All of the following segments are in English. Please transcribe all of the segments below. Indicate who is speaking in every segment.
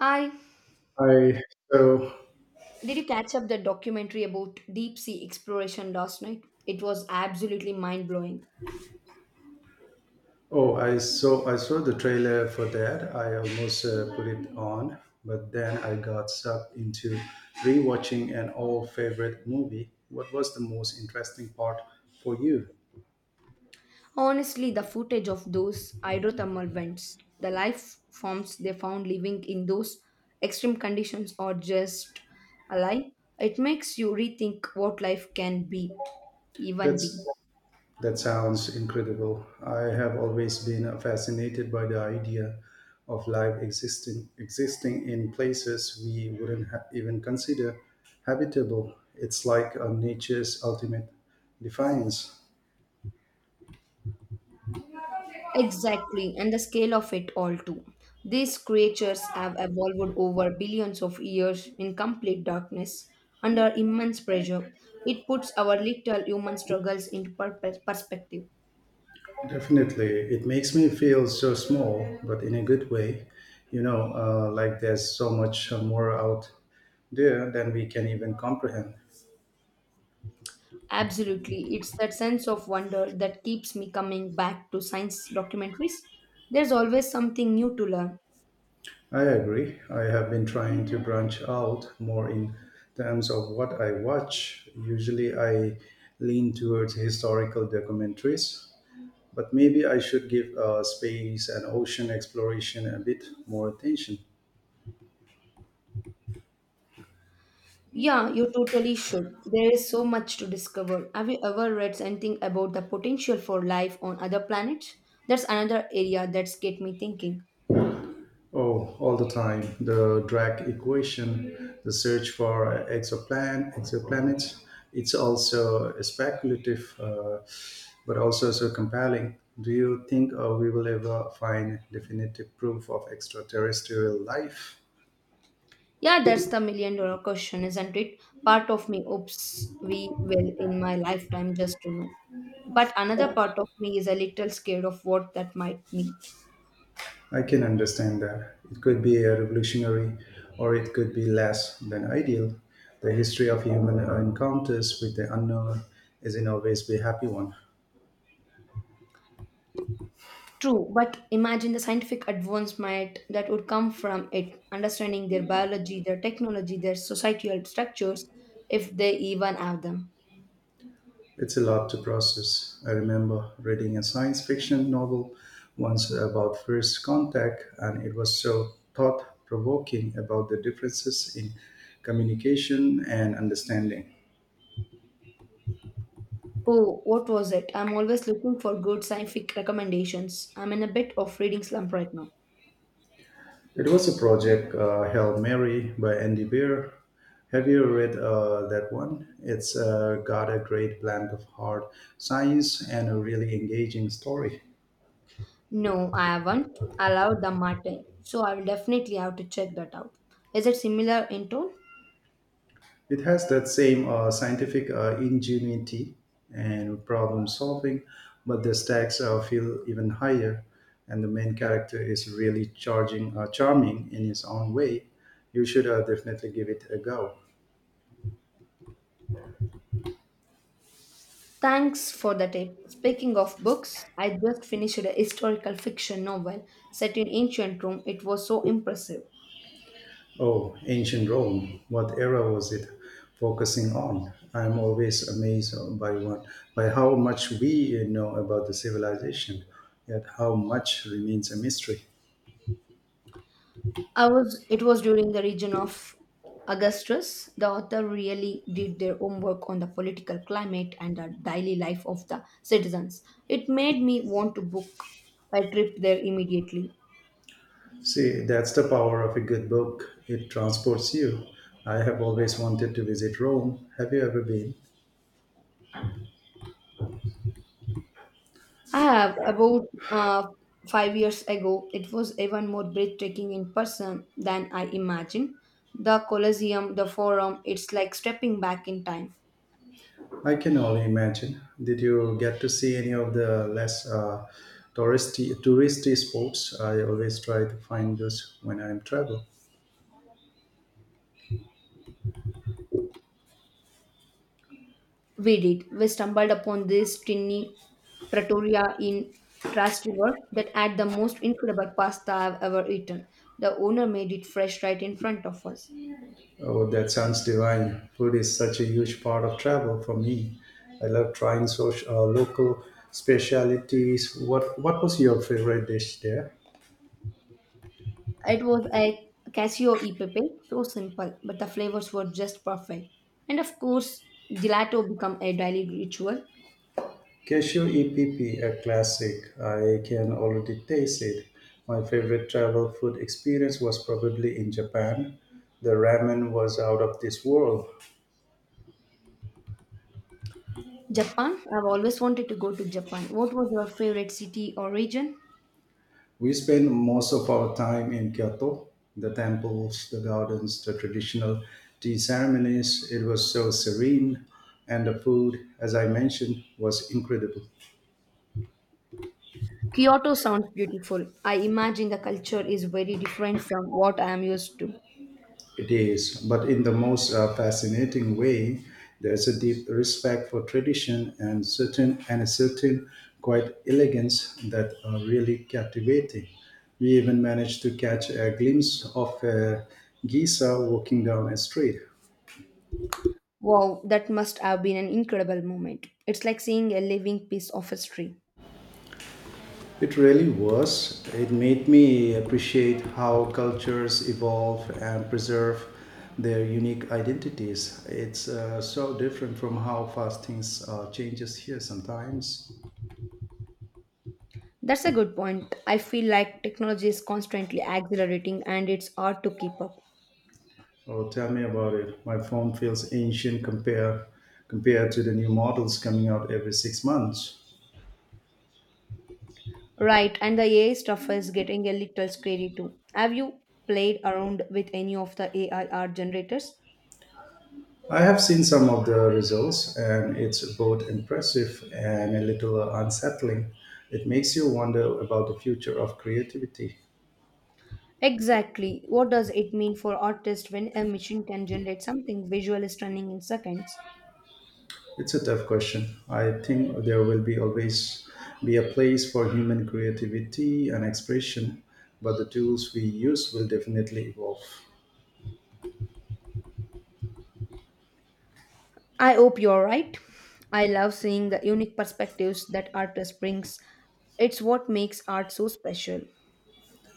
Speaker 1: Hi,
Speaker 2: I so
Speaker 1: did you catch up the documentary about deep sea exploration last night? It was absolutely mind blowing.
Speaker 2: oh I saw the trailer for that. I almost put it on, but then I got sucked into rewatching an old favorite movie. What was the most interesting part for you?
Speaker 1: Honestly, the footage of those hydrothermal vents, the life forms they found living in those extreme conditions, are just a lie. It makes you rethink what life can be, even be.
Speaker 2: That's that sounds incredible. I have always been fascinated by the idea of life existing in places we wouldn't even consider habitable. It's like a nature's ultimate defiance.
Speaker 1: Exactly, and the scale of it all too. These creatures have evolved over billions of years in complete darkness, under immense pressure. It puts our little human struggles into purpose perspective.
Speaker 2: Definitely. It makes me feel so small, but in a good way. Like there's so much more out there than we can even comprehend.
Speaker 1: Absolutely, it's that sense of wonder that keeps me coming back to science documentaries. There's always something new to learn.
Speaker 2: I agree. I have been trying to branch out more in terms of what I watch. Usually I lean towards historical documentaries, but maybe I should give space and ocean exploration a bit more attention.
Speaker 1: Yeah, you totally should. There is so much to discover. Have you ever read anything about the potential for life on other planets? That's another area that's get me thinking.
Speaker 2: Oh, all the time. The Dirac equation, the search for exoplanets. It's also speculative, but also so compelling. Do you think we will ever find definitive proof of extraterrestrial life?
Speaker 1: Yeah, that's the million dollar question, isn't it? Part of me hopes we will in my lifetime just to know. But another part of me is a little scared of what that might mean.
Speaker 2: I can understand that. It could be a revolutionary, or it could be less than ideal. The history of human encounters with the unknown is in always be a happy one.
Speaker 1: True, but imagine the scientific advancement that would come from it, understanding their biology, their technology, their societal structures, if they even have them.
Speaker 2: It's a lot to process. I remember reading a science fiction novel once about first contact, and it was so thought provoking about the differences in communication and understanding.
Speaker 1: Oh, what was it? I'm always looking for good scientific recommendations. I'm in a bit of reading slump right now.
Speaker 2: It was a project, Hail Mary by Andy Beer. Have you read that one? It's got a great blend of hard science and a really engaging story.
Speaker 1: No, I haven't allowed the Martin, so I will definitely have to check that out. Is it similar in tone?
Speaker 2: It has that same scientific ingenuity and problem solving, but the stakes feel even higher. And the main character is really charming in his own way. You should definitely give it a go.
Speaker 1: Thanks for the tip. Speaking of books, I just finished a historical fiction novel set in ancient Rome. It was so impressive.
Speaker 2: Oh, ancient Rome. What era was it focusing on? I'm always amazed by one, by how much we know about the civilization, yet how much remains a mystery.
Speaker 1: I was it was during the region of Augustus. The author really did their homework on the political climate and the daily life of the citizens. It made me want to book a trip there immediately.
Speaker 2: See, that's the power of a good book. It transports you. I have always wanted to visit Rome. Have you ever been?
Speaker 1: I have, about 5 years ago. It was even more breathtaking in person than I imagined. The Colosseum, the Forum, it's like stepping back in time.
Speaker 2: I can only imagine. Did you get to see any of the less touristy spots? I always try to find those when I'm travel.
Speaker 1: We did. We stumbled upon this tiny trattoria in Trust River that had the most incredible pasta I've ever eaten. The owner made it fresh right in front of us.
Speaker 2: Oh, that sounds divine. Food is such a huge part of travel for me. I love trying local specialities. What was your favorite dish there?
Speaker 1: It was a Casio e pepe, so simple, but the flavors were just perfect. And of course, gelato became a daily ritual.
Speaker 2: Cashew EPP, a classic. I can already taste it. My favorite travel food experience was probably in Japan. The ramen was out of this world.
Speaker 1: Japan. I've always wanted to go to Japan. What was your favorite city or region?
Speaker 2: We spent most of our time in Kyoto, the temples, the gardens, the traditional tea ceremonies. It was so serene, and the food, as I mentioned, was incredible.
Speaker 1: Kyoto sounds beautiful. I imagine the culture is very different from what I am used to.
Speaker 2: It is, but in the most fascinating way, there's a deep respect for tradition and certain and a certain quite elegance that are really captivating. We even managed to catch a glimpse of a Giza walking down a street.
Speaker 1: Wow, that must have been an incredible moment. It's like seeing a living piece of history.
Speaker 2: It really was. It made me appreciate how cultures evolve and preserve their unique identities. It's so different from how fast things changes here sometimes.
Speaker 1: That's a good point. I feel like technology is constantly accelerating and it's hard to keep up.
Speaker 2: Oh, tell me about it. My phone feels compared to the new models coming out every six months.
Speaker 1: Right, and the AI stuff is getting a little scary too. Have you played around with any of the AI art generators?
Speaker 2: I have seen some of the results, and it's both impressive and a little unsettling. It makes you wonder about the future of creativity.
Speaker 1: Exactly. What does it mean for artists when a machine can generate something visually stunning in seconds?
Speaker 2: It's a tough question. I think there will be always be a place for human creativity and expression, but the tools we use will definitely evolve.
Speaker 1: I hope you're right. I love seeing the unique perspectives that artist brings. It's what makes art so special.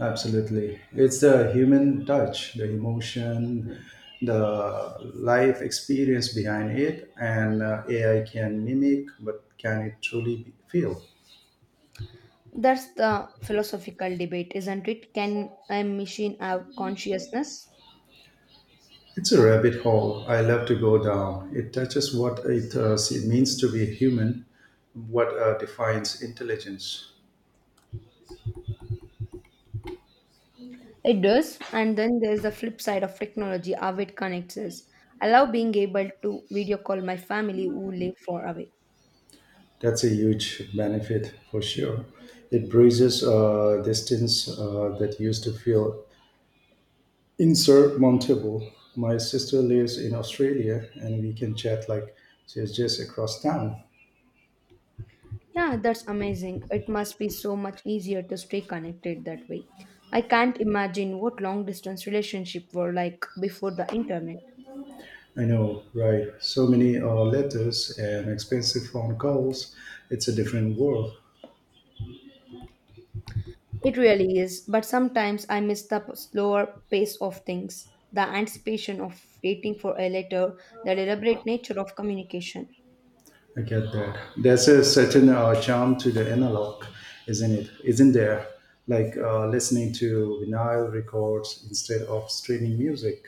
Speaker 2: Absolutely. It's the human touch, the emotion, the life experience behind it, and AI can mimic, but can it truly feel?
Speaker 1: That's the philosophical debate, isn't it? Can a machine have consciousness?
Speaker 2: It's a rabbit hole I love to go down. It touches what it means to be human, what defines intelligence.
Speaker 1: It does. And then there's the flip side of technology, how it connects us. I love being able to video call my family who live far away.
Speaker 2: That's a huge benefit for sure. It bridges distance that used to feel Insert Montable. My sister lives in Australia and we can chat like she's just across town.
Speaker 1: Yeah, that's amazing. It must be so much easier to stay connected that way. I can't imagine what long distance relationship were like before the internet.
Speaker 2: I know, right? So many letters and expensive phone calls. It's a different world.
Speaker 1: It really is, but sometimes I miss the slower pace of things, the anticipation of waiting for a letter, the deliberate nature of communication.
Speaker 2: I get that. There's a certain charm to the analog, isn't it? Isn't there? Like listening to vinyl records instead of streaming music.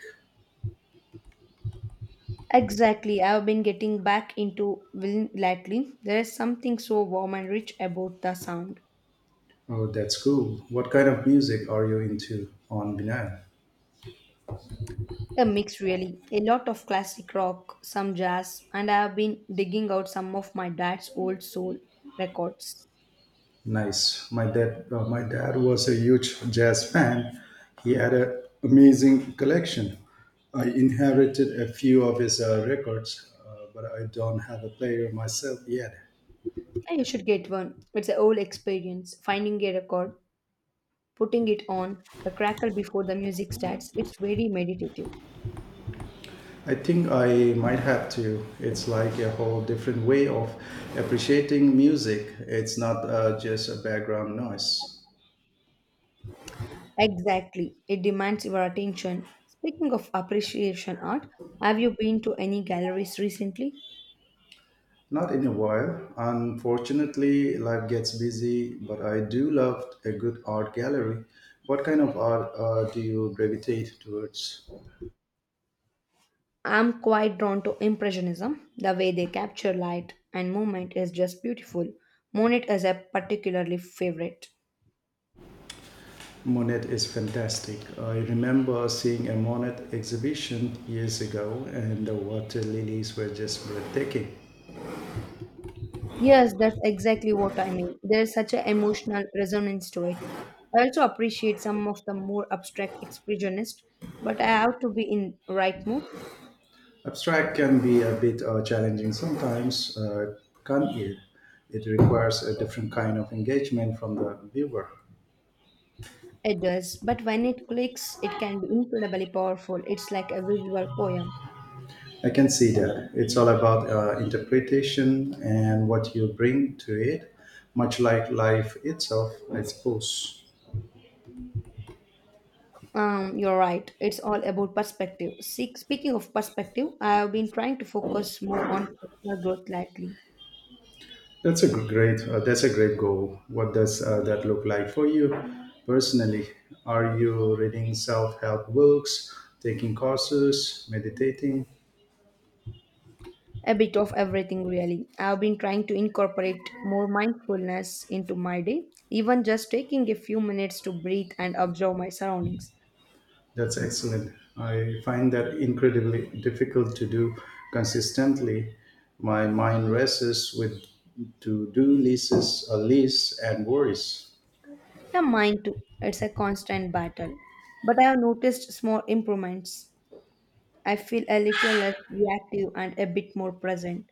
Speaker 1: Exactly, I've been getting back into vinyl lately. There is something so warm and rich about the sound.
Speaker 2: Oh, that's cool. What kind of music are you into on vinyl?
Speaker 1: A mix, really. A lot of classic rock, some jazz, and I have been digging out some of my dad's old soul records.
Speaker 2: Nice. My dad was a huge jazz fan. He had an amazing collection. I inherited a few of his records, but I don't have a player myself yet.
Speaker 1: Yeah, you should get one. It's a whole experience finding a record, putting it on, the crackle before the music starts. It's very meditative.
Speaker 2: I think I might have to. It's like a whole different way of appreciating music. It's not just a background noise.
Speaker 1: Exactly, it demands your attention. Speaking of appreciation art, have you been to any galleries recently?
Speaker 2: Not in a while. Unfortunately, life gets busy, but I do love a good art gallery. What kind of art do you gravitate towards?
Speaker 1: I'm quite drawn to impressionism. The way they capture light and movement is just beautiful. Monet is a particularly favorite.
Speaker 2: Monet is fantastic. I remember seeing a Monet exhibition years ago, and the water lilies were just breathtaking.
Speaker 1: Yes, that's exactly what I mean. There's such an emotional resonance to it. I also appreciate some of the more abstract expressionists, but I have to be in right mood.
Speaker 2: Abstract can be a bit challenging sometimes, can't it? It requires a different kind of engagement from the viewer.
Speaker 1: It does, but when it clicks, it can be incredibly powerful. It's like a visual poem.
Speaker 2: I can see that. It's all about interpretation and what you bring to it, much like life itself, I suppose.
Speaker 1: You're right. It's all about perspective. See, speaking of perspective, I have been trying to focus more on personal growth lately.
Speaker 2: That's a g- great. That's a great goal. What does that look like for you personally? Are you reading self-help books, taking courses, meditating?
Speaker 1: A bit of everything, really. I've been trying to incorporate more mindfulness into my day, even just taking a few minutes to breathe and observe my surroundings.
Speaker 2: That's excellent. I find that incredibly difficult to do consistently. My mind races with lists, and worries.
Speaker 1: Yeah, mine too. It's a constant battle, but I have noticed small improvements. I feel a little less reactive and a bit more present.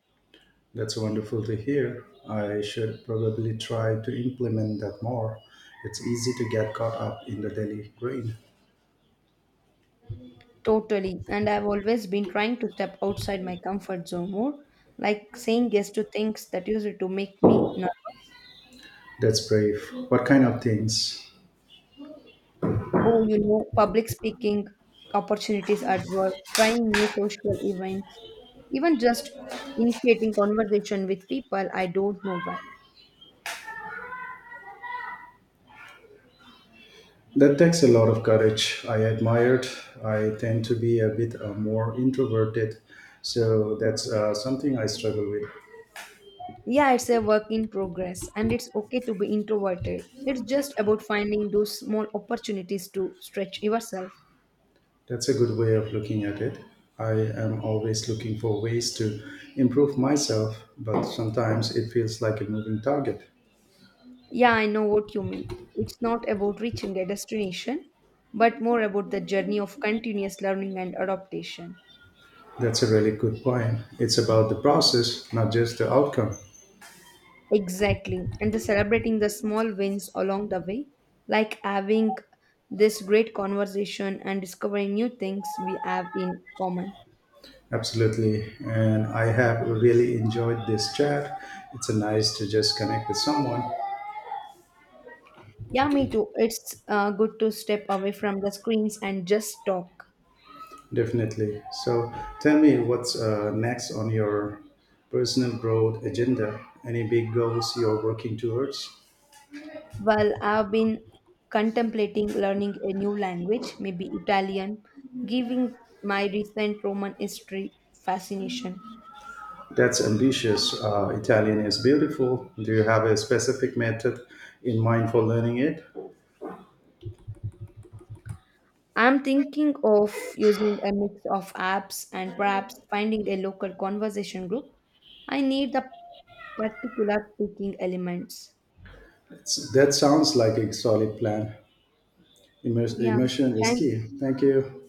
Speaker 2: That's wonderful to hear. I should probably try to implement that more. It's easy to get caught up in the daily grind.
Speaker 1: Totally. And I've always been trying to step outside my comfort zone more, like saying yes to things that used to make me nervous.
Speaker 2: That's brave. What kind of things?
Speaker 1: Oh, you know, public speaking opportunities at work, trying new social events, even just initiating conversation with people I don't know well.
Speaker 2: That takes a lot of courage. I admired. I tend to be a bit more introverted, so that's something I struggle with.
Speaker 1: Yeah, it's a work in progress and it's okay to be introverted. It's just about finding those small opportunities to stretch yourself.
Speaker 2: That's a good way of looking at it. I am always looking for ways to improve myself, but sometimes it feels like a moving target.
Speaker 1: Yeah, I know what you mean. It's not about reaching a destination, but more about the journey of continuous learning and adaptation.
Speaker 2: That's a really good point. It's about the process, not just the outcome.
Speaker 1: Exactly. And the celebrating the small wins along the way, like having this great conversation and discovering new things we have in common.
Speaker 2: Absolutely. And I have really enjoyed this chat. It's nice to just connect with someone.
Speaker 1: Yeah, me too. It's good to step away from the screens and just talk.
Speaker 2: Definitely. So tell me what's next on your personal growth agenda? Any big goals you're working towards?
Speaker 1: Well, I've been contemplating learning a new language, maybe Italian, given my recent Roman history fascination.
Speaker 2: That's ambitious. Italian is beautiful. Do you have a specific method in mind for learning it?
Speaker 1: I'm thinking of using a mix of apps and perhaps finding a local conversation group. I need the particular speaking elements.
Speaker 2: It's, that sounds like a solid plan.
Speaker 1: Yeah,
Speaker 2: Immersion is
Speaker 1: thank
Speaker 2: key. Thank you.